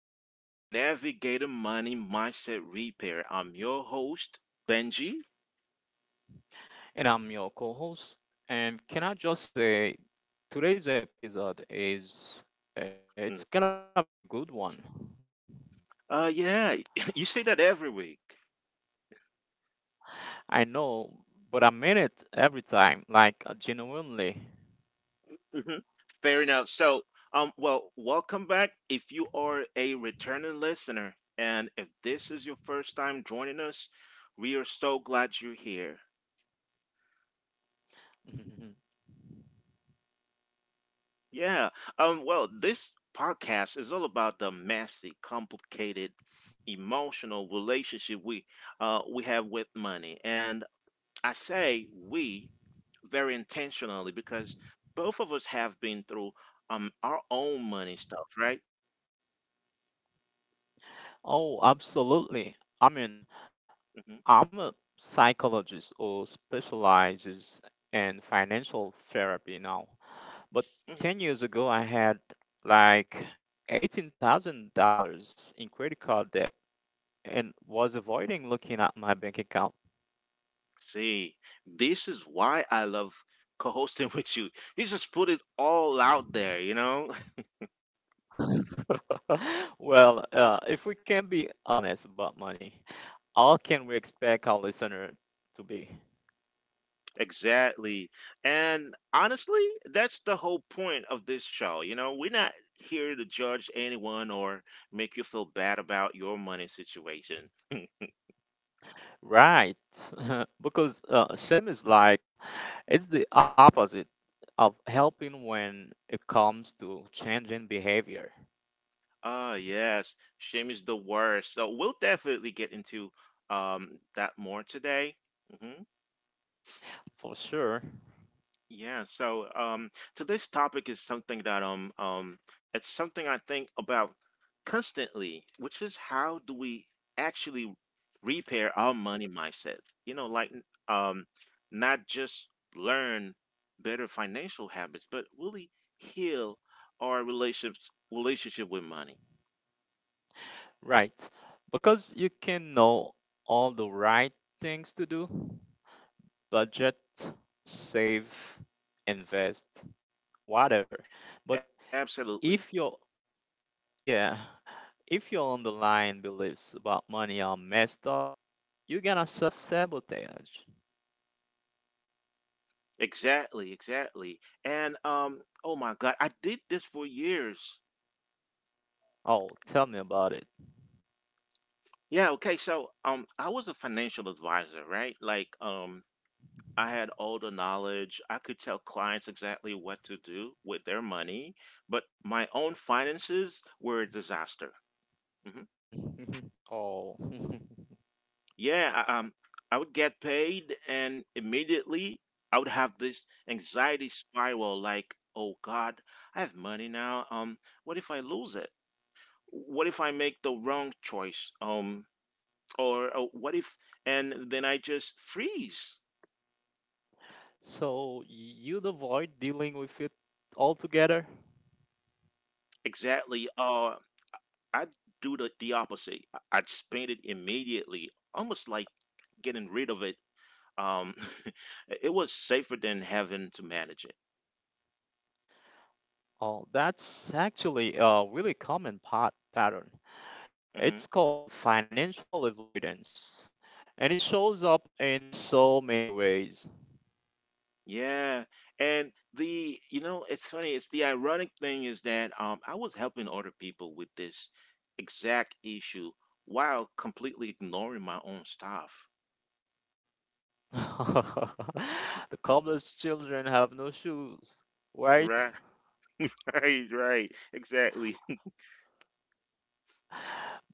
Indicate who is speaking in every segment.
Speaker 1: welcome to Navigator Money Mindset Repair. I'm your host, Benji.
Speaker 2: And I'm your co host. And can I just say, today's episode is, it's gonna be a
Speaker 1: Mm.
Speaker 2: good one.
Speaker 1: Yeah, you say that every week.
Speaker 2: I know, but I mean it every time, like genuinely.
Speaker 1: Mhm. Fair enough. So, welcome back if you are a returning listener, and if this is your first time joining us, we are so glad you're here.
Speaker 2: Mhm.
Speaker 1: Yeah. This podcast is all about the messy, complicated, emotional relationship we have with money. And I say we very intentionally, because both of us have been through our own money stuff, right?
Speaker 2: Oh, absolutely. I mean,
Speaker 1: Hmm.
Speaker 2: I'm a psychologist who specializes in financial therapy now. But
Speaker 1: Hmm.
Speaker 2: 10 years ago, I had like $18,000 in credit card debt and was avoiding looking at my bank account.
Speaker 1: See, this is why I love co-hosting with you. You just put it all out there?
Speaker 2: Well, if we can be honest about money, how can we expect our listener to be?
Speaker 1: Exactly. And honestly, that's the whole point of this show. We're not here to judge anyone or make you feel bad about your money situation.
Speaker 2: Right. Because shame is like, it's the opposite of helping when it comes to changing behavior.
Speaker 1: Ah, yes. Shame is the worst. So we'll definitely get into um that more today. Hmm.
Speaker 2: For sure.
Speaker 1: Yeah. So today's topic is something that it's something I think about constantly, which is how do we actually repair our money mindset? Like, not just learn better financial habits, but really heal our relationship with money.
Speaker 2: Right. Because you can know all the right things to do, budget, save,
Speaker 1: Hmm. Hmm.
Speaker 2: invest,
Speaker 1: Absolutely.
Speaker 2: whatever. But
Speaker 1: Absolutely.
Speaker 2: if you're, yeah. If your underlying beliefs about money are messed up, you're gonna self sabotage.
Speaker 1: Exactly, exactly. And oh my God, I did this for years.
Speaker 2: Oh, tell me about it.
Speaker 1: Yeah, okay. So I was a financial advisor, right? Like I had all the knowledge. I could tell clients exactly what to do with their money, but my own finances were a disaster. Hmm.
Speaker 2: Oh.
Speaker 1: Yeah, I would get paid, and immediately I would have this anxiety spiral like, "Oh God, I have money now. What if I lose it? What if I make the wrong choice? Or what if, and then I just freeze."
Speaker 2: So you'd avoid dealing with it altogether?
Speaker 1: Exactly. I'd do the opposite. I'd spend it immediately, almost like getting rid of it. Um, it was safer than having to manage it.
Speaker 2: Oh, that's actually a really common pot pattern.
Speaker 1: Hmm.
Speaker 2: It's called financial avoidance, and it shows up in so many ways.
Speaker 1: Yeah. And it's funny. It's the ironic thing is that I was helping other people with this exact issue while completely ignoring my own stuff.
Speaker 2: The cobbler's children have no shoes, right?
Speaker 1: Right. Right, right. Exactly.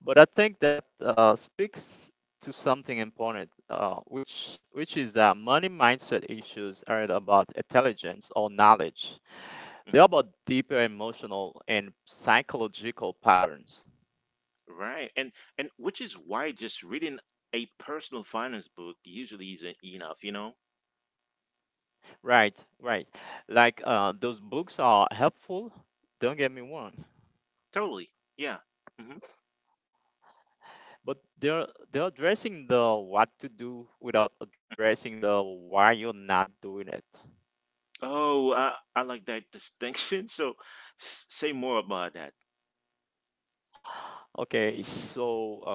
Speaker 2: But I think that speaks to something important, which is that money mindset issues aren't about intelligence or knowledge. They're
Speaker 1: Mhm.
Speaker 2: about deeper emotional and psychological patterns.
Speaker 1: Right. And which is why just reading a personal finance book usually isn't enough?
Speaker 2: Right, right. Those books are helpful, don't get me wrong,
Speaker 1: Totally. Yeah. Hmm.
Speaker 2: but they're addressing the what to do without addressing the why you're not doing it.
Speaker 1: Oh, I like that distinction. So say more about that.
Speaker 2: Okay, so uh,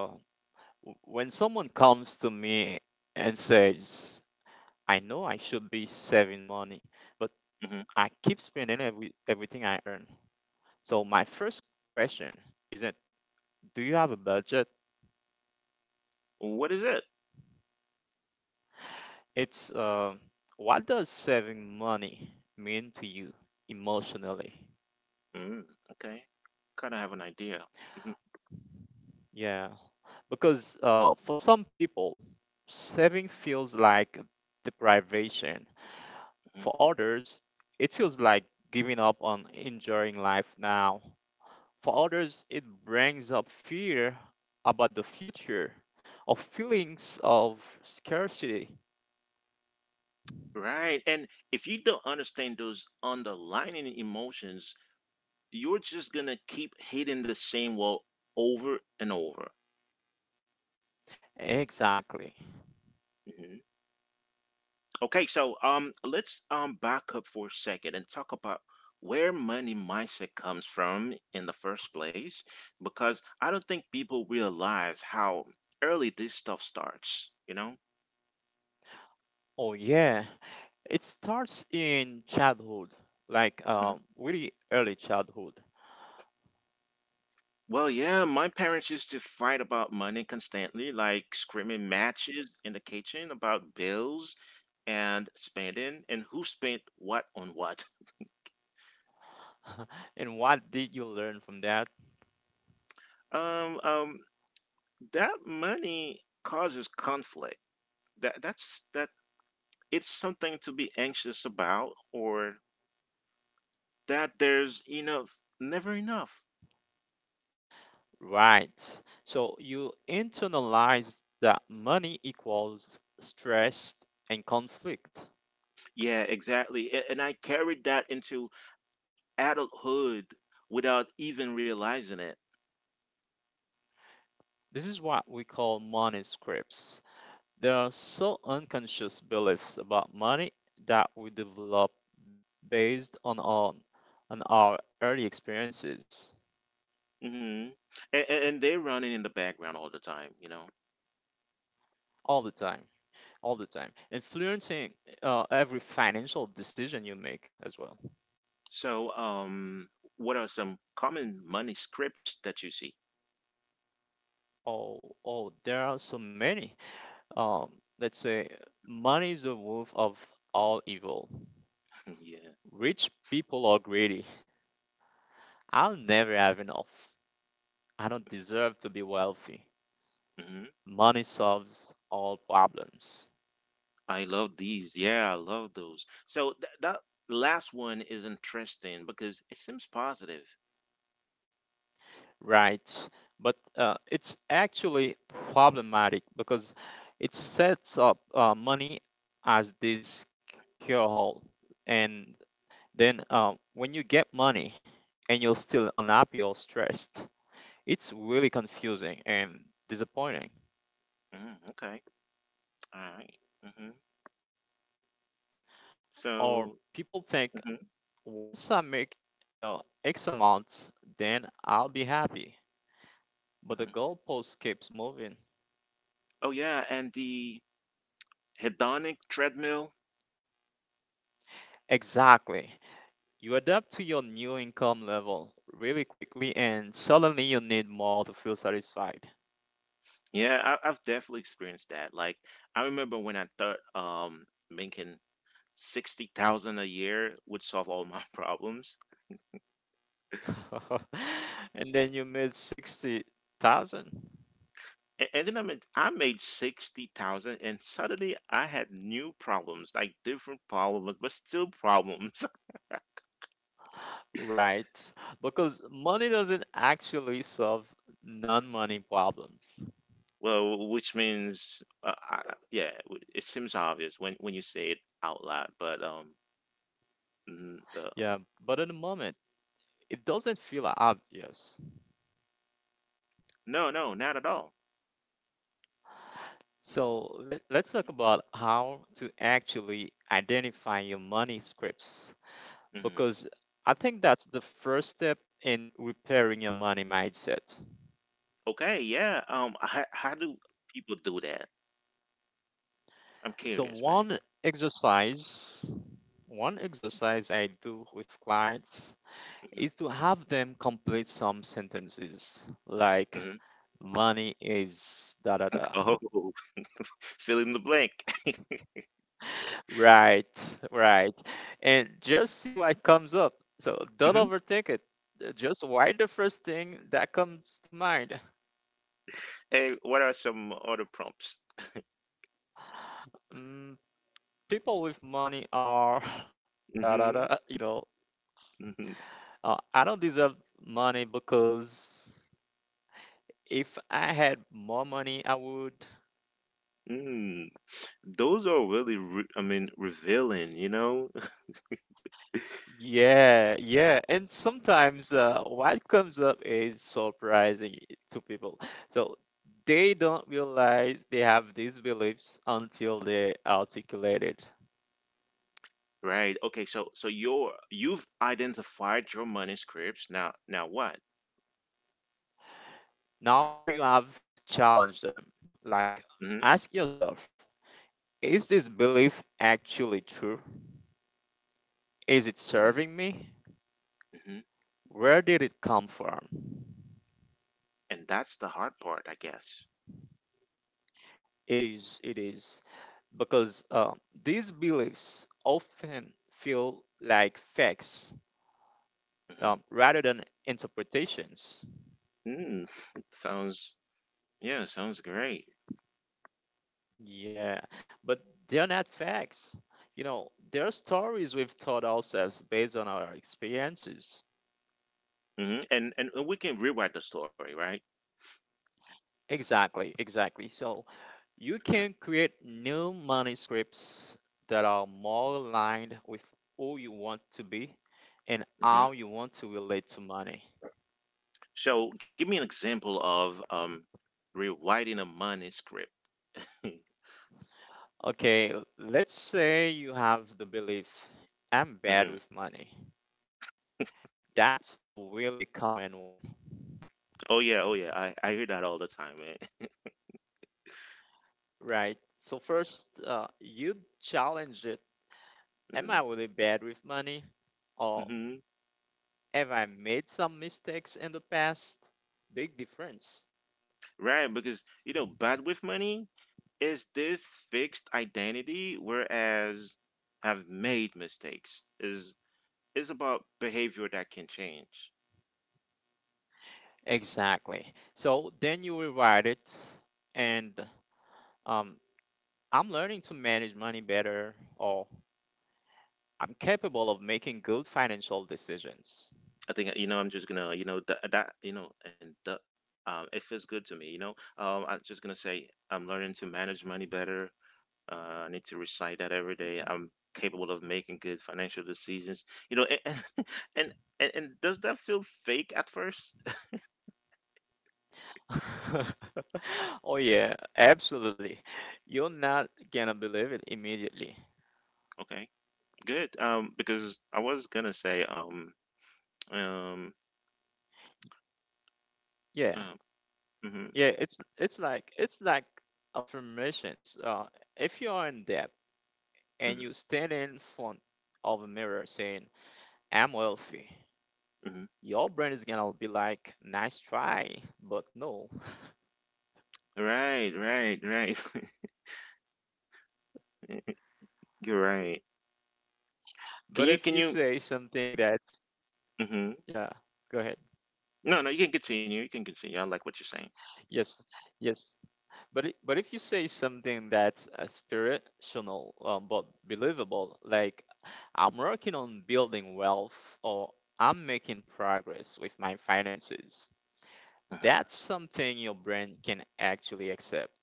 Speaker 2: w- when someone comes to me and says, "I know I should be saving money, but
Speaker 1: Hmm.
Speaker 2: I keep spending everything I earn." So my first question isn't, "Do you have a budget?"
Speaker 1: What is it?
Speaker 2: It's, what does saving money mean to you emotionally?
Speaker 1: Mm, okay. Kind of have an idea. Mhm.
Speaker 2: Yeah, because for some people, saving feels like deprivation.
Speaker 1: Mhm.
Speaker 2: For others, it feels like giving up on enjoying life now. For others, it brings up fear about the future or feelings of scarcity.
Speaker 1: Right. And if you don't understand those underlying emotions, you're just going to keep hitting the same wall over and over.
Speaker 2: Exactly.
Speaker 1: Mm-hmm. Okay, so let's back up for a second and talk about where money mindset comes from in the first place, because I don't think people realize how early this stuff starts?
Speaker 2: Oh, yeah. It starts in childhood, like
Speaker 1: Mhm.
Speaker 2: really early childhood.
Speaker 1: Well, yeah, my parents used to fight about money constantly, like screaming matches in the kitchen about bills and spending and who spent what on what.
Speaker 2: And what did you learn from that?
Speaker 1: Um, um, that money causes conflict. That that's that it's something to be anxious about, or that there's enough never enough.
Speaker 2: Right. So you internalize that money equals stress and conflict.
Speaker 1: Yeah, exactly. And I carried that into adulthood without even realizing it.
Speaker 2: This is what we call money scripts. There are so unconscious beliefs about money that we develop based on on our early experiences
Speaker 1: Hmm. And they're running in the background all the time.
Speaker 2: all the time, all the time, influencing every financial decision you make as well.
Speaker 1: So what are some common money scripts that you see?
Speaker 2: Oh, oh, there are so many. Um, let's say money is the root of all evil.
Speaker 1: Yeah.
Speaker 2: Rich people are greedy. I'll never have enough. I don't deserve to be wealthy.
Speaker 1: Hmm.
Speaker 2: Money solves all problems.
Speaker 1: I love these. Yeah, I love those. So that last one is interesting, because it seems positive.
Speaker 2: Right. But it's actually problematic because it sets up money as this cure all. And then when you get money and you're still unhappy or stressed, it's really confusing and disappointing.
Speaker 1: Mm, okay. All right. Mm-hmm.
Speaker 2: Or
Speaker 1: So,
Speaker 2: people think,
Speaker 1: mhm.
Speaker 2: once I make, you know, X amount, then I'll be happy.
Speaker 1: Mhm.
Speaker 2: But the goalpost keeps moving.
Speaker 1: Oh yeah, and the hedonic treadmill.
Speaker 2: Exactly. You adapt to your new income level really quickly, and suddenly you need more to feel satisfied.
Speaker 1: Yeah, I've definitely experienced that. Like, I remember when I thought making 60,000 a year would solve all my problems,
Speaker 2: And then you made 60,000.
Speaker 1: and then I made 60,000, and suddenly I had new problems, like different problems, but still problems.
Speaker 2: Right, because money doesn't actually solve non money problems.
Speaker 1: Well, which means, yeah, it seems obvious when you say it out loud, mm, the, um,
Speaker 2: Yeah, but in the moment, it doesn't feel obvious.
Speaker 1: No, no, not at all.
Speaker 2: So let's talk about how to actually identify your money scripts,
Speaker 1: Mhm.
Speaker 2: because I think that's the first step in repairing your money mindset.
Speaker 1: Okay, yeah. How do people do that? I'm
Speaker 2: So
Speaker 1: curious, man.
Speaker 2: one exercise I do with clients
Speaker 1: Hmm.
Speaker 2: is to have them complete some sentences like,
Speaker 1: Hmm.
Speaker 2: "Money is da da da."
Speaker 1: Oh, fill in the blank.
Speaker 2: Right, right. And just see what comes up. So don't
Speaker 1: Hmm.
Speaker 2: overthink it. Just write the first thing that comes to mind.
Speaker 1: Hey, what are some other prompts?
Speaker 2: Mm, people with money are da da da,
Speaker 1: Hmm.
Speaker 2: you know.
Speaker 1: Hmm.
Speaker 2: I don't deserve money because, if I had more money, I would.
Speaker 1: Mm. Those are really, re I mean, revealing?
Speaker 2: Yeah, yeah. And sometimes what comes up is surprising to people. So they don't realize they have these beliefs until they articulate it.
Speaker 1: Right. Okay. So you've identified your manuscripts. Now what?
Speaker 2: Now you have to challenge them. Like,
Speaker 1: Hmm.
Speaker 2: ask yourself, is this belief actually true? Is it
Speaker 1: Hmm.
Speaker 2: serving me?
Speaker 1: Hmm.
Speaker 2: Where did it come from?
Speaker 1: And that's the hard part, I guess.
Speaker 2: It is, it is. Because these beliefs often feel like facts,
Speaker 1: Hmm.
Speaker 2: rather than interpretations.
Speaker 1: Mm. Sounds Yeah, sounds great.
Speaker 2: Yeah, but they're not facts. You know, they're stories we've taught ourselves based on our experiences.
Speaker 1: Hmm. And we can rewrite the story, right?
Speaker 2: Exactly, exactly. So you
Speaker 1: Mm-hmm.
Speaker 2: can create new manuscripts that are more aligned with who you want to be and
Speaker 1: Mm-hmm.
Speaker 2: how you want to relate to money.
Speaker 1: So, give me an example of rewriting a manuscript.
Speaker 2: Okay, let's say you have the belief, "I'm
Speaker 1: Hmm.
Speaker 2: bad with money." That's a really common one,
Speaker 1: Oh yeah, oh yeah. I hear that all the time, man.
Speaker 2: right? So, first, you challenge it. Am I
Speaker 1: Hmm.
Speaker 2: really bad with money? Or
Speaker 1: Hmm.
Speaker 2: have I made some mistakes in the past? Big difference.
Speaker 1: Right, because you know, bad with money is this fixed identity, whereas have made mistakes is about behavior that can change.
Speaker 2: Exactly. So, then you rewrite it, and um, I'm learning to manage money better, or I'm capable of making good financial decisions.
Speaker 1: I think, I'm just gonna, that that and the it feels good to me, I'm just gonna say, I'm learning to manage money better. Uh, I need to recite that every
Speaker 2: Mm-hmm.
Speaker 1: day. I'm capable of making good financial decisions, you know, and and and does that feel fake at first?
Speaker 2: Oh yeah, absolutely. You're not gonna believe it immediately.
Speaker 1: Okay, good. Because I was gonna say um
Speaker 2: Yeah.
Speaker 1: um mhm.
Speaker 2: Yeah, it's like affirmations. If you are in debt and
Speaker 1: Mhm.
Speaker 2: you stand in front of a mirror saying, "I'm wealthy,"
Speaker 1: Mhm.
Speaker 2: your brain is gonna be like, "Nice try, but no."
Speaker 1: Right, right, right. You're right. can
Speaker 2: But
Speaker 1: you can
Speaker 2: if you
Speaker 1: you
Speaker 2: say something that's
Speaker 1: Mhm.
Speaker 2: yeah, go ahead.
Speaker 1: No, no, you can continue. You can continue. I like what you're saying.
Speaker 2: Yes. Yes. But if you say something that's spiritual but believable, like, "I'm working on building wealth," or "I'm making progress with my finances,"
Speaker 1: Mhm.
Speaker 2: that's something your brain can actually accept.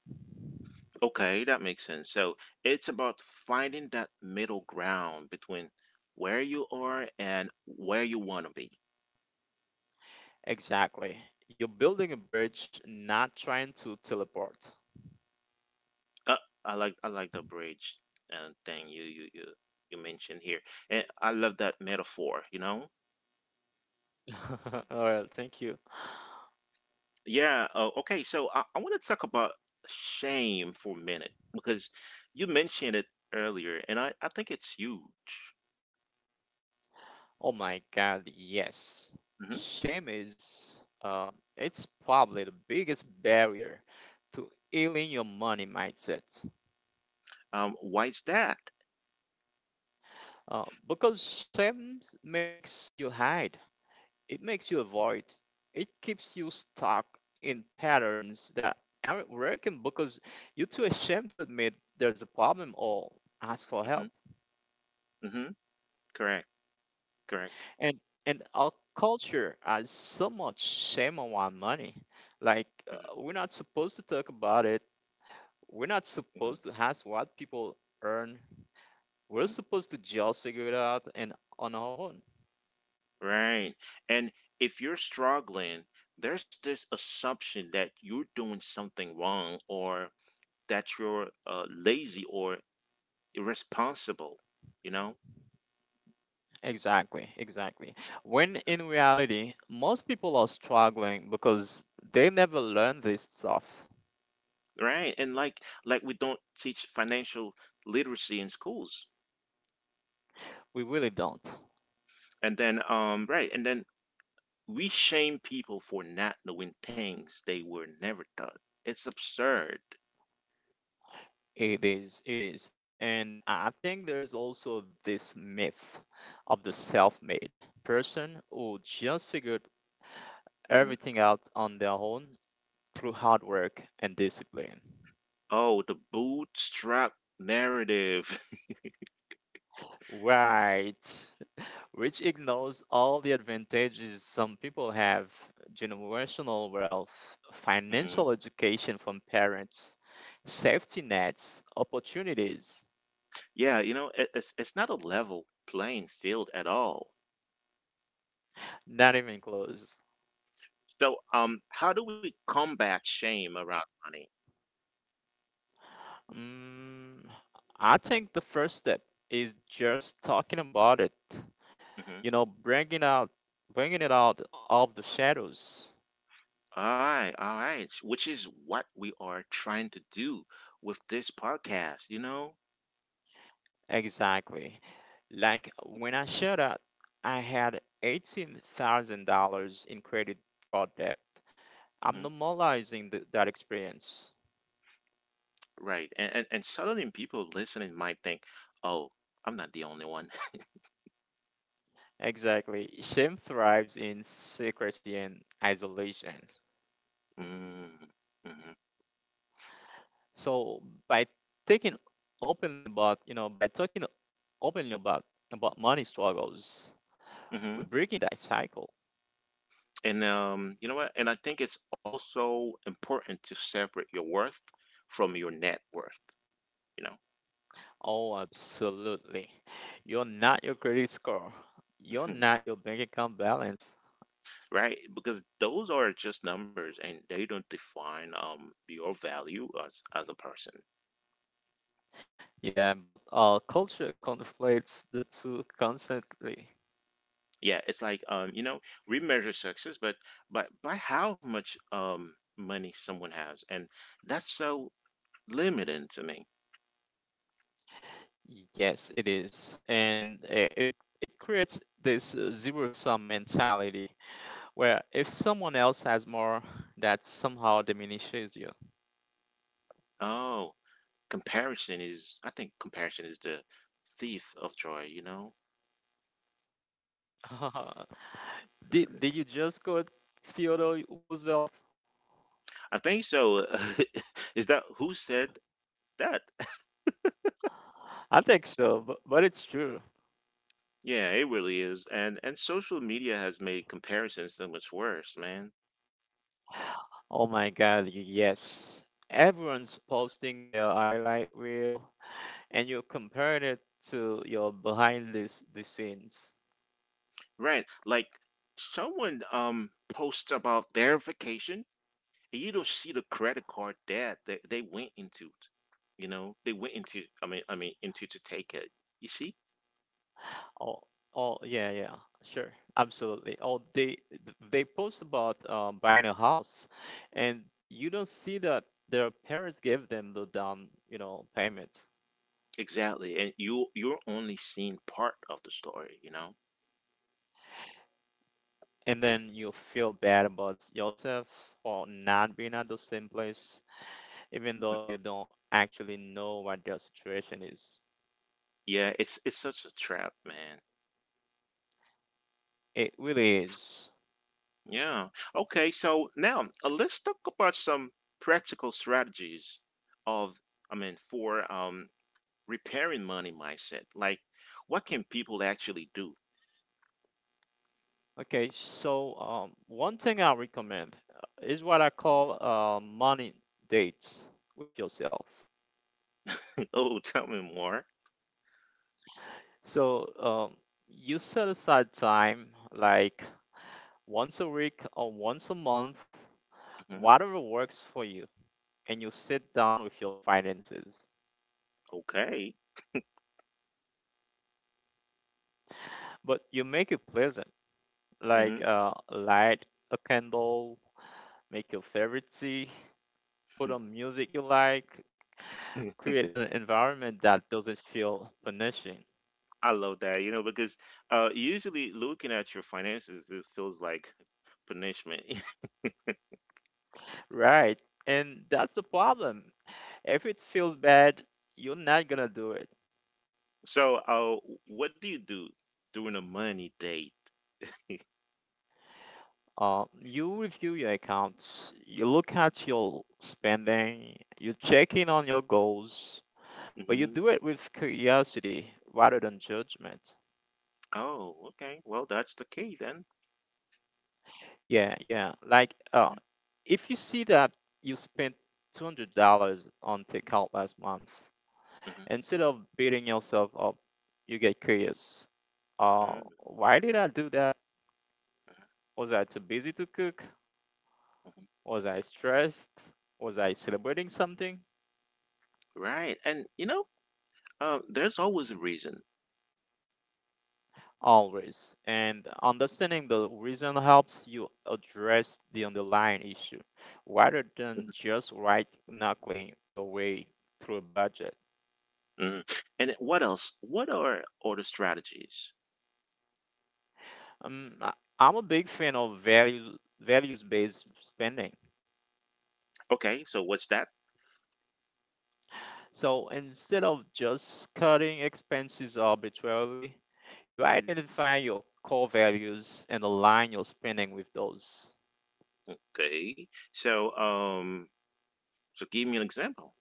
Speaker 1: Okay, that makes sense. So it's about finding that middle ground between where you are and where you want to be.
Speaker 2: Exactly. You're building a bridge, not trying to teleport.
Speaker 1: Uh, I like the bridge thing you mentioned here, and I love that metaphor. You know?
Speaker 2: All right, thank you.
Speaker 1: Yeah. Okay. So I want to talk about shame for a minute, because you mentioned it earlier, and I think it's huge.
Speaker 2: Oh my God, yes.
Speaker 1: Hmm.
Speaker 2: Shame is, um, it's probably the biggest barrier to healing your money mindset.
Speaker 1: Why is that?
Speaker 2: Because shame makes you hide, it makes you avoid, it keeps you stuck in patterns that aren't working because you're too ashamed to admit there's a problem or ask for
Speaker 1: Hmm.
Speaker 2: help.
Speaker 1: Hmm. Correct. Correct.
Speaker 2: And and our culture has so much shame around money.
Speaker 1: Mm-hmm.
Speaker 2: We're not supposed to talk about it. We're not supposed to ask what people earn. We're
Speaker 1: Hmm.
Speaker 2: supposed to just figure it out and on our own.
Speaker 1: Right. And if you're struggling, there's this assumption that you're doing something wrong, or that you're lazy or irresponsible, you know?
Speaker 2: Exactly, exactly. When in reality, most people are struggling because they never learn this stuff.
Speaker 1: Right. And like we don't teach financial literacy in schools.
Speaker 2: We really don't.
Speaker 1: And then, right, and then we shame people for not knowing things they were never taught. It's absurd.
Speaker 2: It is, it is. And I think there's also this myth of the self made person who just figured
Speaker 1: Hmm.
Speaker 2: everything out on their own through hard work and discipline.
Speaker 1: Oh, the bootstrap narrative.
Speaker 2: Right. Which ignores all the advantages some people have: generational wealth, financial education from parents, safety nets, opportunities.
Speaker 1: Yeah, it's not a level playing field at all.
Speaker 2: Not even close.
Speaker 1: So, how do we combat shame around money?
Speaker 2: Mm, I think the first step is just talking about it.
Speaker 1: Hmm.
Speaker 2: You know, bringing it out of the shadows.
Speaker 1: All right, which is what we are trying to do with this podcast, you know?
Speaker 2: Exactly. Like when I showed up, I had $18,000 in credit card debt.
Speaker 1: Hmm.
Speaker 2: I'm normalizing that experience.
Speaker 1: Right, and suddenly people listening might think, "Oh, I'm not the only one."
Speaker 2: Exactly. Shame thrives in secrecy and isolation.
Speaker 1: Mm, mhm.
Speaker 2: So by taking openly about, you know, by talking openly about money struggles, we're
Speaker 1: Mhm.
Speaker 2: breaking that cycle.
Speaker 1: And you know what? And I think it's also important to separate your worth from your net worth. You know.
Speaker 2: Oh, absolutely. You're not your credit score. You're not your bank account balance.
Speaker 1: Right? Because those are just numbers, and they don't define your value as a person.
Speaker 2: Yeah, but our culture conflates the two constantly.
Speaker 1: Yeah, it's like we measure success, but by how much money someone has, and that's so limiting to me.
Speaker 2: Yes, it is, and it creates this zero sum mentality where if someone else has more, that somehow diminishes you.
Speaker 1: Oh, comparison is I think comparison is the thief of joy.
Speaker 2: Did you just quote Theodore Roosevelt?
Speaker 1: I think so. Is that who said that?
Speaker 2: I think so, but it's true.
Speaker 1: Yeah, it really is. And social media has made comparisons so much worse, man.
Speaker 2: Oh my God, yes. Everyone's posting their highlight reel, and you're comparing it to your behind the scenes.
Speaker 1: Right. Like someone posts about their vacation, and you don't see the credit card that they went into it. They went into I mean into to take it. You see?
Speaker 2: Oh, oh, yeah, yeah, sure, absolutely. Oh, they post about buying a house, and you don't see that their parents gave them the down, you know, payment,
Speaker 1: Exactly. And you're only seeing part of the story, you know?
Speaker 2: and then you feel bad about yourself for not being at the same place, even though
Speaker 1: Mm.
Speaker 2: you don't actually know what their situation is.
Speaker 1: Yeah, it's such a trap, man.
Speaker 2: It really is.
Speaker 1: Yeah. Okay, so now, let's talk about some practical strategies, of I mean, for repairing money mindset. Like, what can people actually do?
Speaker 2: Okay, so one thing I recommend is what I call money dates with yourself.
Speaker 1: Oh, tell me more.
Speaker 2: So, you set aside time like once a week or once a month,
Speaker 1: Hmm.
Speaker 2: whatever works for you, and you sit down with your finances.
Speaker 1: Okay.
Speaker 2: But you make it pleasant, like,
Speaker 1: Hmm.
Speaker 2: light a candle, make your favorite tea, put on music you like, create an environment that doesn't feel punishing.
Speaker 1: I love that, because usually looking at your finances, it feels like punishment.
Speaker 2: Right. And that's the problem. If it feels bad, you're not gonna do it.
Speaker 1: So, what do you do during a money date?
Speaker 2: You review your accounts, you look at your spending, you check in on your goals, but you
Speaker 1: Hmm.
Speaker 2: do it with curiosity rather than judgment.
Speaker 1: Oh, okay. Well, that's the key then.
Speaker 2: Yeah, yeah. Like,
Speaker 1: Mhm.
Speaker 2: if you see that you spent $200 on takeout last month,
Speaker 1: Mhm.
Speaker 2: instead of beating yourself up, you get curious. Uh,
Speaker 1: Mhm.
Speaker 2: why did I do that?
Speaker 1: Mhm.
Speaker 2: Was I too busy to cook?
Speaker 1: Mhm.
Speaker 2: Was I stressed? Was I celebrating something?
Speaker 1: Right. And, there's always a reason.
Speaker 2: Always. And understanding the reason helps you address the underlying issue rather than just right knuckling your way through a budget.
Speaker 1: Mhm. And what else? What are other strategies?
Speaker 2: Um, I- I'm a big fan of values based spending.
Speaker 1: Okay, so what's that?
Speaker 2: So instead of just cutting expenses arbitrarily, you identify your core values and align your spending with those.
Speaker 1: Okay, so give me an example.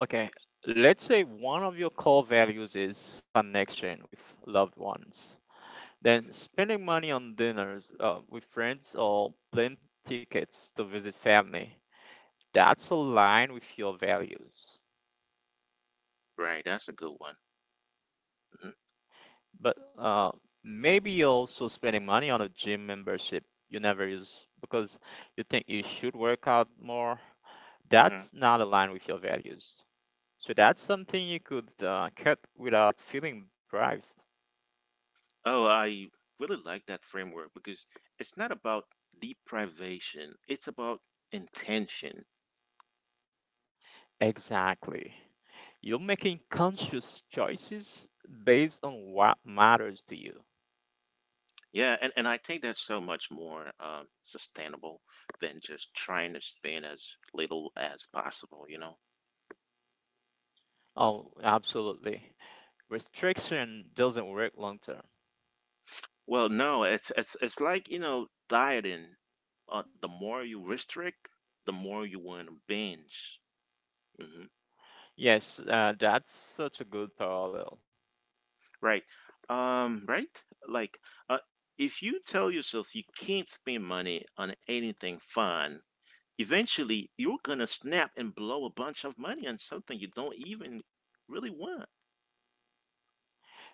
Speaker 2: Okay, let's say one of your core values is connection with loved ones. Then spending money on dinners with friends or plane tickets to visit family. That's aligned with your values.
Speaker 1: Right, that's a good one. Hmm.
Speaker 2: But maybe you're also spending money on a gym membership you never use because you think you should work out more.
Speaker 1: Hmm.
Speaker 2: That's not aligned with your values. So that's something you could cut without feeling deprived.
Speaker 1: Oh, I really like that framework, because it's not about deprivation; it's about intention.
Speaker 2: Exactly. You're making conscious choices based on what matters to you.
Speaker 1: Yeah, and I think that's so much more sustainable than just trying to spend as little as possible.
Speaker 2: Oh, absolutely. Restriction doesn't work long term.
Speaker 1: Well, no, it's like, dieting. The more you restrict, the more you want to binge. Hmm.
Speaker 2: Yes, that's such a good parallel.
Speaker 1: Right. Right? Like, uh, if you tell yourself you can't spend money on anything fun, eventually you're gonna snap and blow a bunch of money on something you don't even really want.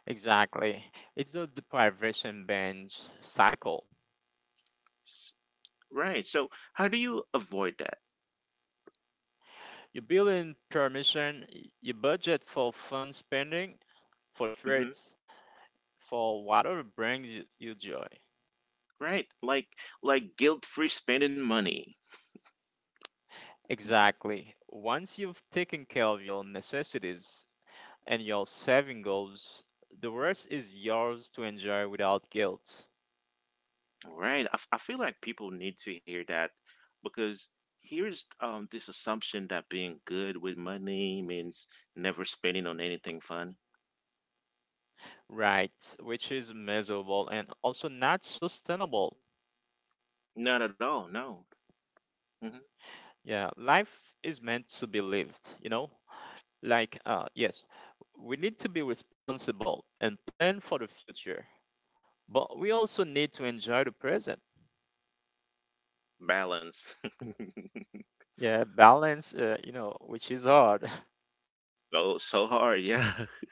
Speaker 2: Exactly. It's the deprivation binge cycle.
Speaker 1: S- Right. So, how do you avoid that?
Speaker 2: You build in permission, you budget for fun spending, for
Speaker 1: Hmm.
Speaker 2: treats, for whatever brings you joy.
Speaker 1: Right. Like guilt-free spending money.
Speaker 2: Exactly. Once you've taken care of your necessities and your saving goals, the rest is yours to enjoy without guilt.
Speaker 1: All right. I feel like people need to hear that, because here's this assumption that being good with money means never spending on anything fun.
Speaker 2: Right, which is miserable and also not sustainable.
Speaker 1: Not at all. No. Hmm.
Speaker 2: Yeah, life is meant to be lived, you know? Like, yes, we need to be responsible and plan for the future, but we also need to enjoy the present.
Speaker 1: Balance.
Speaker 2: Yeah, balance, you know, which is hard.
Speaker 1: So, so hard. Yeah.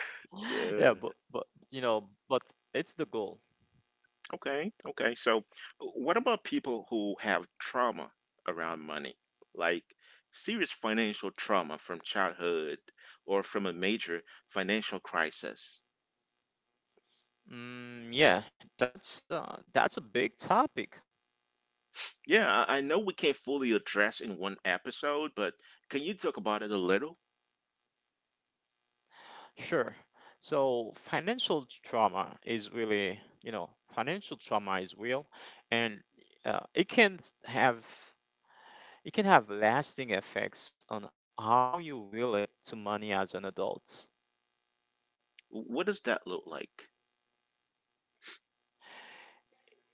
Speaker 2: Yeah, but
Speaker 1: Yeah.
Speaker 2: but you know, but it's the goal.
Speaker 1: Okay. Okay. So, what about people who have trauma around money? Like serious financial trauma from childhood or from a major financial crisis?
Speaker 2: Mm, yeah, that's a big topic.
Speaker 1: Yeah, I know we can't fully address in one episode, but can you talk about it a little?
Speaker 2: Sure. So financial trauma is really, you know, financial trauma is real, and uh, it can s- have it can have lasting effects on how you relate to money as an adult.
Speaker 1: What does that look like?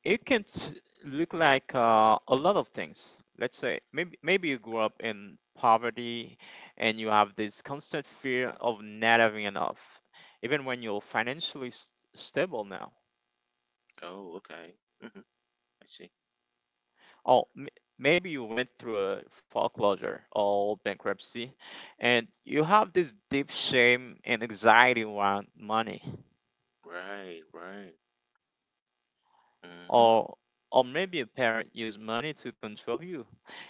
Speaker 2: It can t- Look like a lot of things. Let's say maybe you grew up in poverty, and you have this constant fear of not having enough, even when you're stable now.
Speaker 1: Oh, okay. Hmm. I see.
Speaker 2: Oh, maybe you went through a foreclosure or bankruptcy, and you have this deep shame and anxiety around money,
Speaker 1: Right, right. Hmm.
Speaker 2: or maybe a parent used money to control you,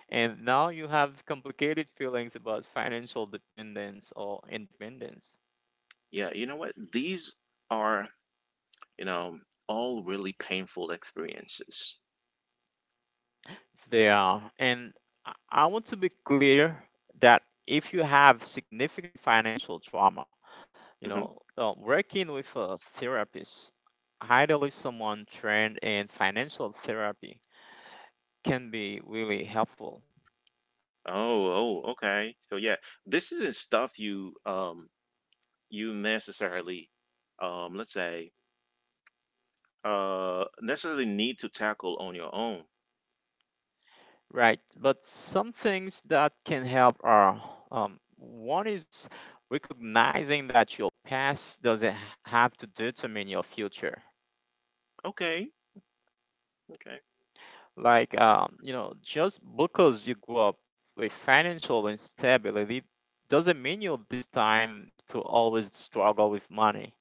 Speaker 2: and now you have complicated feelings about financial dependence or independence.
Speaker 1: Yeah, you know what? These are, you know, all really painful experiences.
Speaker 2: They are, and I want to be clear that if you have significant financial trauma, you know,
Speaker 1: Hmm.
Speaker 2: working with a therapist. Ideally, someone trained in financial therapy can be really helpful,
Speaker 1: Oh, oh, okay. So yeah, this isn't stuff you you necessarily let's say necessarily need to tackle on your own.
Speaker 2: right? But some things that can help are one is recognizing that your past doesn't have to determine your future.
Speaker 1: Okay, okay.
Speaker 2: Like, you know, just because you grew up with financial instability doesn't mean you're this time to always struggle with money.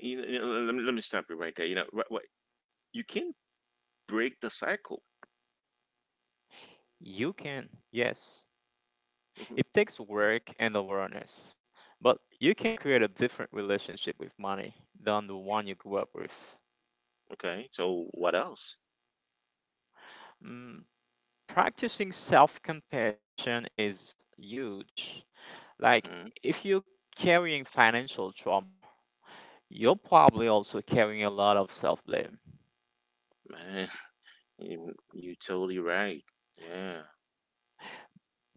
Speaker 1: Let me stop you right there. You can break the cycle.
Speaker 2: You can, yes.
Speaker 1: Hmm.
Speaker 2: It takes work and awareness, but you can create a different relationship with money than the one you grew up with.
Speaker 1: Okay, so what else?
Speaker 2: Mm, practicing self compassion is huge. Like,
Speaker 1: Hmm.
Speaker 2: if you're carrying financial trauma, you're probably also carrying a lot of self blame.
Speaker 1: Man, you totally right. Yeah,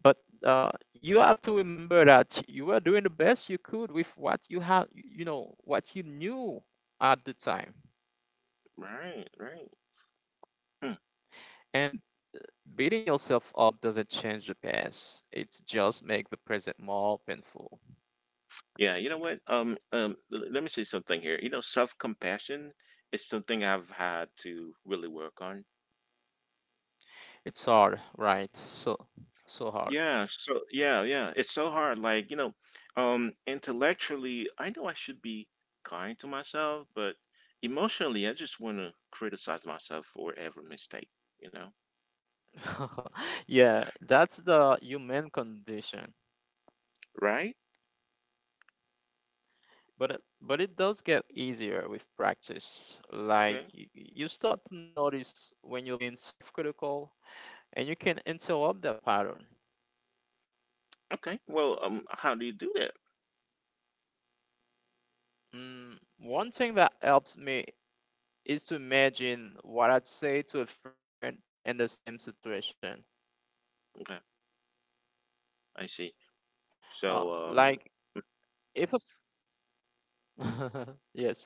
Speaker 2: But you have to remember that you were doing the best you could with what you had, you know, what you knew at the time.
Speaker 1: right, right. Hmm.
Speaker 2: And beating yourself up doesn't change the past. It just makes the present more painful.
Speaker 1: Yeah, you know what? Let me say something here. You know, self compassion is something I've had to really work on.
Speaker 2: It's hard, right? So so hard.
Speaker 1: Yeah, so yeah, yeah. It's so hard. Like, you know, intellectually, I know I should be kind to myself, but emotionally, I just want to criticize myself for every mistake, you know?
Speaker 2: Yeah, that's the human condition.
Speaker 1: Right?
Speaker 2: But it does get easier with practice. Like
Speaker 1: Okay.
Speaker 2: you start to notice when you're being self-critical, and you can interrupt that pattern.
Speaker 1: Okay. Well, how do you do that?
Speaker 2: Mm, one thing that helps me is to imagine what I'd say to a friend in the same situation.
Speaker 1: Okay. I see. So,
Speaker 2: Like if a yes.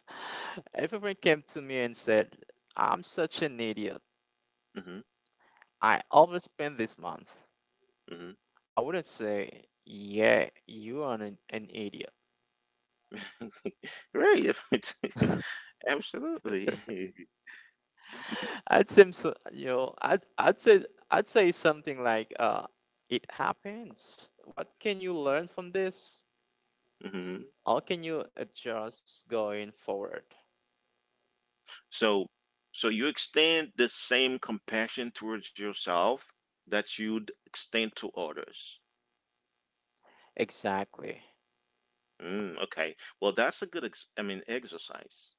Speaker 2: Everyone came to me and said, I'm such an idiot.
Speaker 1: mhm.
Speaker 2: I overspent this month. I wouldn't say, yeah, you are an idiot.
Speaker 1: Mhm. Right. Absolutely.
Speaker 2: I'd say, so, you know, I'd say something like, it happens. What can you learn from this?
Speaker 1: Mhm.
Speaker 2: How can you adjust going forward?
Speaker 1: So, so you extend the same compassion towards yourself that you'd extend to others.
Speaker 2: Exactly.
Speaker 1: Mm, okay. Well, that's a good, exercise.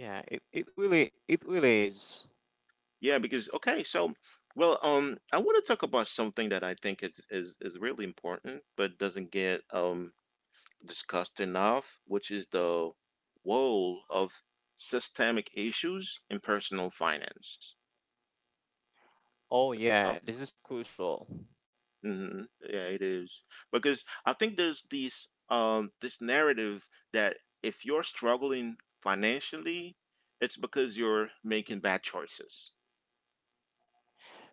Speaker 2: Yeah, it really is.
Speaker 1: Yeah, because okay, so well, I want to talk about something that I think is really important, but doesn't get discussed enough, which is the role of systemic issues in personal finance.
Speaker 2: Oh
Speaker 1: It's a
Speaker 2: yeah, this is crucial.
Speaker 1: hmm. Yeah, it is because I think there's this narrative that if you're struggling financially, it's because you're making bad choices.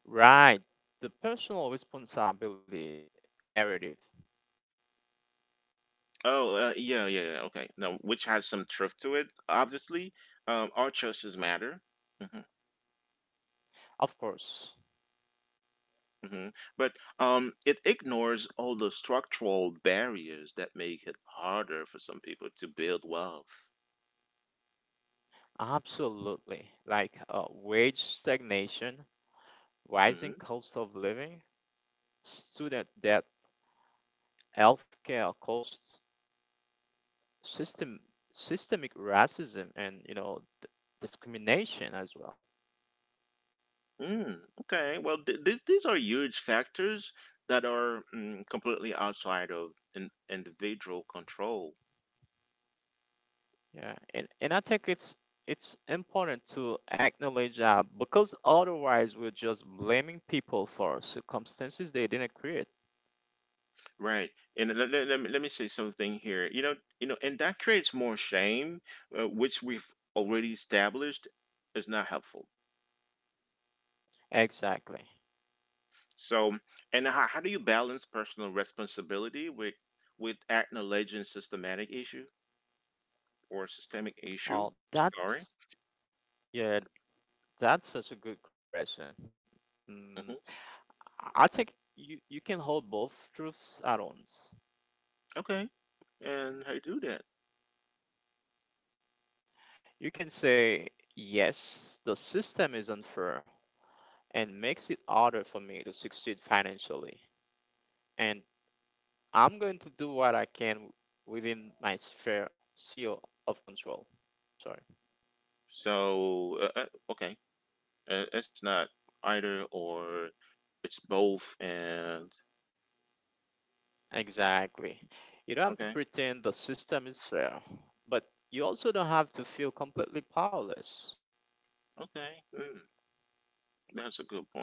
Speaker 2: Right. The personal responsibility narrative.
Speaker 1: Oh, yeah, yeah, yeah. Okay, now which has some truth to it, obviously. Our choices matter. Hmm.
Speaker 2: Of course.
Speaker 1: Hmm. But it ignores all the structural barriers that make it harder for some people to build wealth.
Speaker 2: Absolutely. Like wage stagnation, rising
Speaker 1: Mm-hmm.
Speaker 2: cost of living, student debt, healthcare costs, system systemic racism and you know discrimination as well.
Speaker 1: Mm, okay. Well, th th these are huge factors that are mm, completely outside of in individual control,
Speaker 2: Yeah. And I think it's important to acknowledge that because otherwise we're just blaming people for circumstances they didn't create.
Speaker 1: right? And let me say something here. And that creates more shame, which we've already established is not helpful.
Speaker 2: Exactly.
Speaker 1: So, and how do you balance personal responsibility with acknowledging systematic issue or systemic issue?
Speaker 2: Oh,
Speaker 1: Sorry.
Speaker 2: that's yeah, that's such a good question.
Speaker 1: Hmm.
Speaker 2: Mm, I think you can hold both truths at once.
Speaker 1: Okay. And how you do that?
Speaker 2: You can say, yes, the system is unfair and makes it harder for me to succeed financially, and I'm going to do what I can within my sphere of control. Sorry.
Speaker 1: So, okay. It's not either or. It's both. And
Speaker 2: Exactly. You don't have to
Speaker 1: okay,
Speaker 2: pretend the system is fair, but you also don't have to feel completely powerless.
Speaker 1: okay, mm, that's a good point.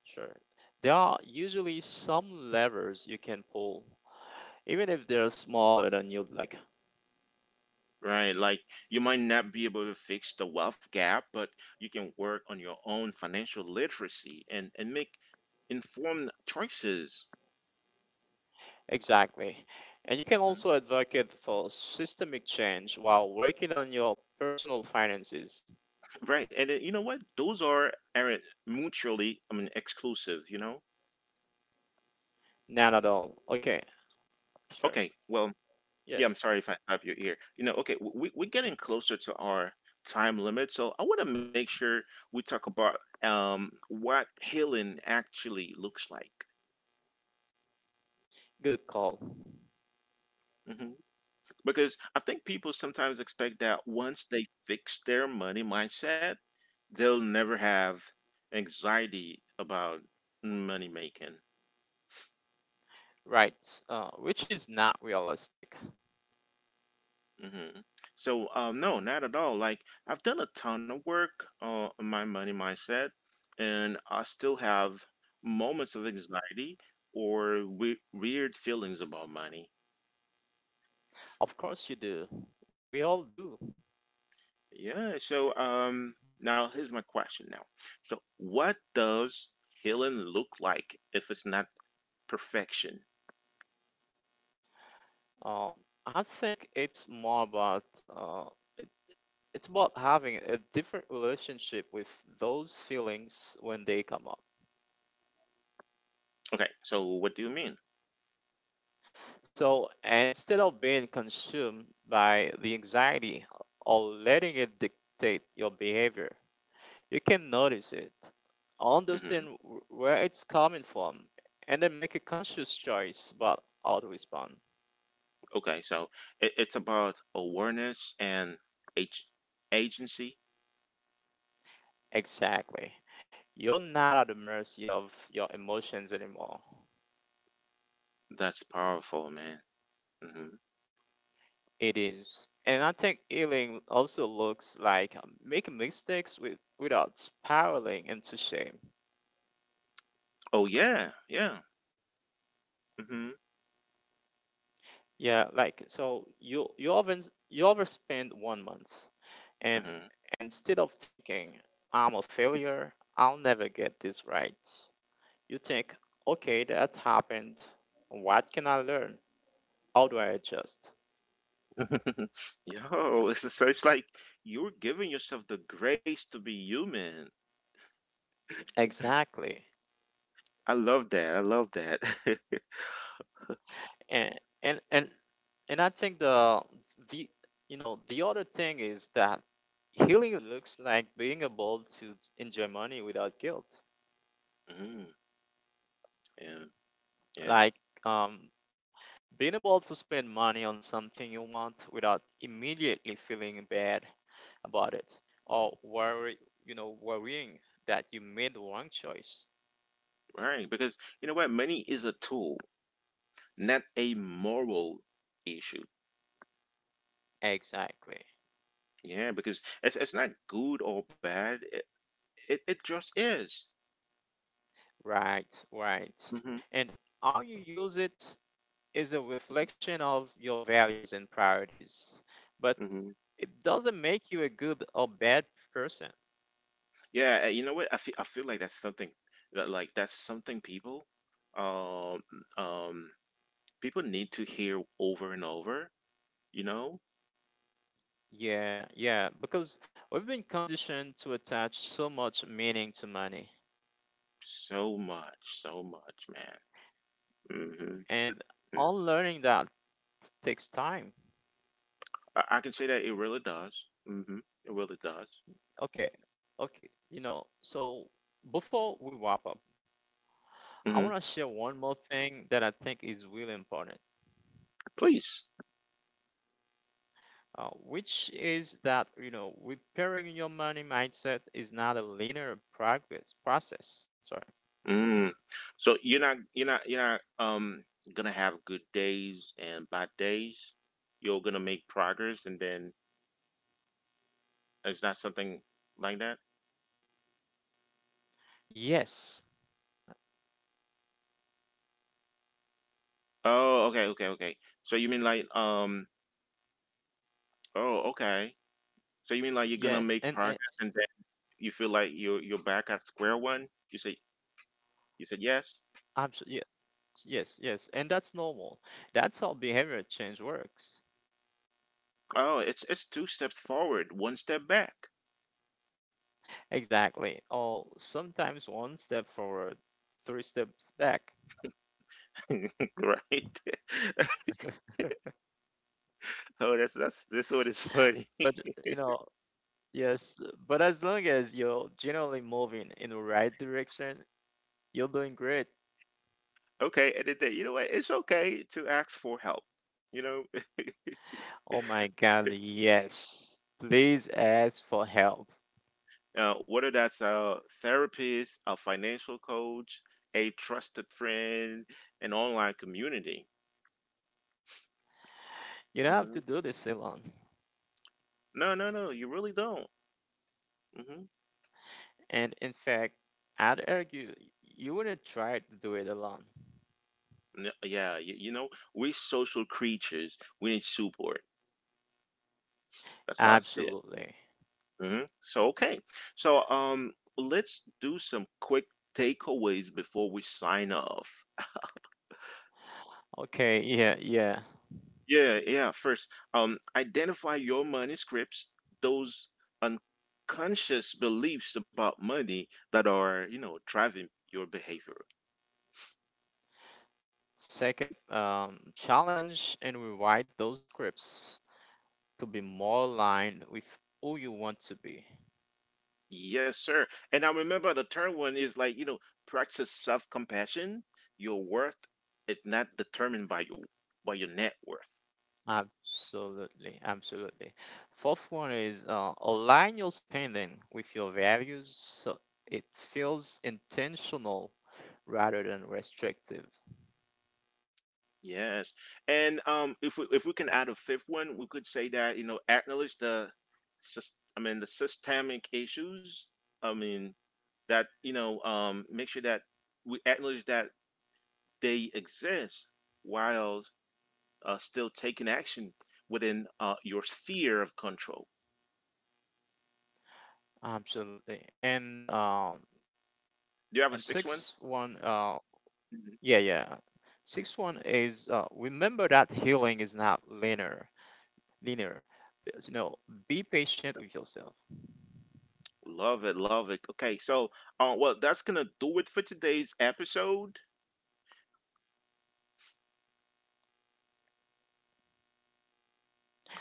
Speaker 2: Sure. There are usually some levers you can pull, even if they're smaller than you'd like.
Speaker 1: Right, like you might not be able to fix the wealth gap, but you can work on your own financial literacy and make informed choices.
Speaker 2: Exactly. And you can
Speaker 1: Mhm.
Speaker 2: also advocate for systemic change while working on your personal finances.
Speaker 1: Right, and then, you know what? Those are aren't mutually, I mean, exclusive. You know.
Speaker 2: None at all. Okay, sure.
Speaker 1: Okay, well, yeah, I'm
Speaker 2: Yes.
Speaker 1: sorry if I stop you here. You know, okay, we're getting
Speaker 2: Mhm.
Speaker 1: closer to our time limit, so I want to make sure we talk about what healing actually looks like.
Speaker 2: Good call.
Speaker 1: Hmm. Because I think people sometimes expect that once they fix their money mindset, they'll never have anxiety about money making.
Speaker 2: Right, which is not realistic.
Speaker 1: Mm-hmm. So, no, not at all. Like, I've done a ton of work on my money mindset, and I still have moments of anxiety or we weird feelings about money.
Speaker 2: Of course, you do. We all do.
Speaker 1: Yeah. So, now here's my question now. So, what does healing look like if it's not perfection?
Speaker 2: Um, I think it's more about it's about having a different relationship with those feelings when they come up.
Speaker 1: Okay. So, what do you mean?
Speaker 2: So instead of being consumed by the anxiety or letting it dictate your behavior, you can notice it,
Speaker 1: Mm-hmm.
Speaker 2: understand where it's coming from, and then make a conscious choice about how to respond.
Speaker 1: Okay. So, it's about awareness and ag- agency.
Speaker 2: Exactly. You're not at the mercy of your emotions anymore.
Speaker 1: That's powerful, man. Hmm.
Speaker 2: It is. And I think healing also looks like making mistakes with, without spiraling into shame.
Speaker 1: Oh yeah, yeah. Hmm.
Speaker 2: Yeah, like so you often you overspend one month and
Speaker 1: Hmm.
Speaker 2: instead of thinking I'm a failure, I'll never get this right. You think, okay, that happened. What can I learn? How do I adjust?
Speaker 1: Yo, it's so it's like you're giving yourself the grace to be human.
Speaker 2: Exactly.
Speaker 1: I love that. I love that.
Speaker 2: And and and and I think the you know the other thing is that healing looks like being able to enjoy money without guilt.
Speaker 1: Hmm. Yeah, yeah,
Speaker 2: Like um, being able to spend money on something you want without immediately feeling bad about it or worry, you know, worrying that you made the wrong choice.
Speaker 1: right. Because you know what, money is a tool, not a moral issue.
Speaker 2: Exactly.
Speaker 1: Yeah, because it's not good or bad. It just is.
Speaker 2: Right,
Speaker 1: Hmm.
Speaker 2: right. And how you use it is a reflection of your values and priorities, but
Speaker 1: Hmm.
Speaker 2: it doesn't make you a good or bad person.
Speaker 1: Yeah, you know what? I feel like that's something that like that's something people um um people need to hear over and over, you know?
Speaker 2: Yeah, yeah, because we've been conditioned to attach so much meaning to money,
Speaker 1: So much, so much, man. Hmm.
Speaker 2: and unlearning that takes time.
Speaker 1: I can say that it really does. Hmm. It really does.
Speaker 2: Okay, okay, you know, so before we wrap up, I
Speaker 1: Hmm.
Speaker 2: want to share one more thing that I think is really important,
Speaker 1: Please.
Speaker 2: which is that, you know, repairing your money mindset is not a linear progress process. Sorry.
Speaker 1: Mm. So you're not gonna have good days and bad days. You're gonna make progress and then it's not something like that.
Speaker 2: Yes,
Speaker 1: Oh, okay, okay, okay. So you mean like oh, okay. So you mean like you're gonna make
Speaker 2: yes,
Speaker 1: progress
Speaker 2: and
Speaker 1: and then you feel like you're back at square one? You said yes.
Speaker 2: absolutely, yes, and that's normal. That's how behavior change works.
Speaker 1: Oh, it's two steps forward, one step back.
Speaker 2: Exactly. Or sometimes one step forward, three steps back.
Speaker 1: Right? Oh, that's this one is funny.
Speaker 2: But you know, yes, but as long as you're generally moving in the right direction, you're doing great.
Speaker 1: Okay, and then you know what? It's okay to ask for help. You know,
Speaker 2: Oh my God, yes. Please ask for help.
Speaker 1: whether that's a therapist, a financial coach, a trusted friend, an online community.
Speaker 2: You don't have to
Speaker 1: Mm-hmm.
Speaker 2: do this alone.
Speaker 1: No, no, no. You really don't. Hmm.
Speaker 2: And in fact, I'd argue you wouldn't try to do it alone.
Speaker 1: Yeah, you know, we're social creatures. We need support. That's how I see it.
Speaker 2: Absolutely.
Speaker 1: Hmm. So okay. So let's do some quick takeaways before we sign off.
Speaker 2: Okay, yeah, yeah.
Speaker 1: Yeah, yeah. First, identify your money scripts, those unconscious beliefs about money that are, you know, driving your behavior.
Speaker 2: Second, challenge and rewrite those scripts to be more aligned with who you want to be.
Speaker 1: Yes, sir. And I remember the third one is like, you know, practice self-compassion. Your worth is not determined by your net worth.
Speaker 2: Absolutely, absolutely. Fourth one is align your spending with your values so it feels intentional rather than restrictive.
Speaker 1: Yes. And if we can add a fifth one, we could say that, you know, acknowledge the the systemic issues. I mean that, you know, make sure that we acknowledge that they exist while still taking action within your sphere of control.
Speaker 2: Absolutely. And
Speaker 1: Do you have a sixth one?
Speaker 2: sixth one, yeah, yeah. Sixth one is remember that healing is not linear. Linear. Because, you know, be patient with yourself.
Speaker 1: Love it, love it. Okay, so well, that's gonna do it for today's episode.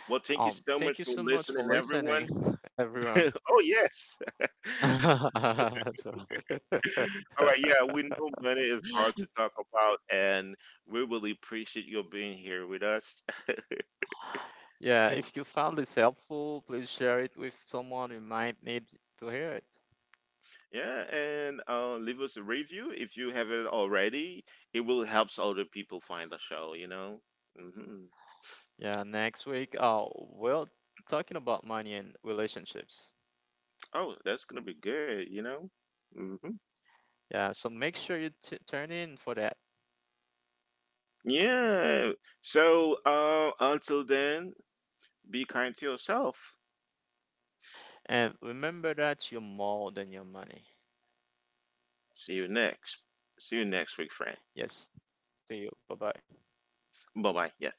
Speaker 1: Well, thank you so
Speaker 2: Thank
Speaker 1: much
Speaker 2: you
Speaker 1: for
Speaker 2: so much for
Speaker 1: listening,
Speaker 2: listening,
Speaker 1: everyone.
Speaker 2: everyone.
Speaker 1: oh yes.
Speaker 2: So,
Speaker 1: All right, yeah, we know money is hard to talk about, and we really appreciate you being here with us.
Speaker 2: yeah, if you found this helpful, please share it with someone who might need to hear it.
Speaker 1: yeah, and leave us a review if you haven't already. It will help other people find the show. You know. Hmm.
Speaker 2: Yeah, next week, we're talking about money and relationships.
Speaker 1: Oh, that's gonna be good. You know. Hmm.
Speaker 2: Yeah, so make sure you t turn in for that.
Speaker 1: Yeah. So until then, be kind to yourself.
Speaker 2: And remember that you're more than your money.
Speaker 1: See you next. See you next week, friend.
Speaker 2: Yes. See you. Bye bye.
Speaker 1: Bye bye. Yeah.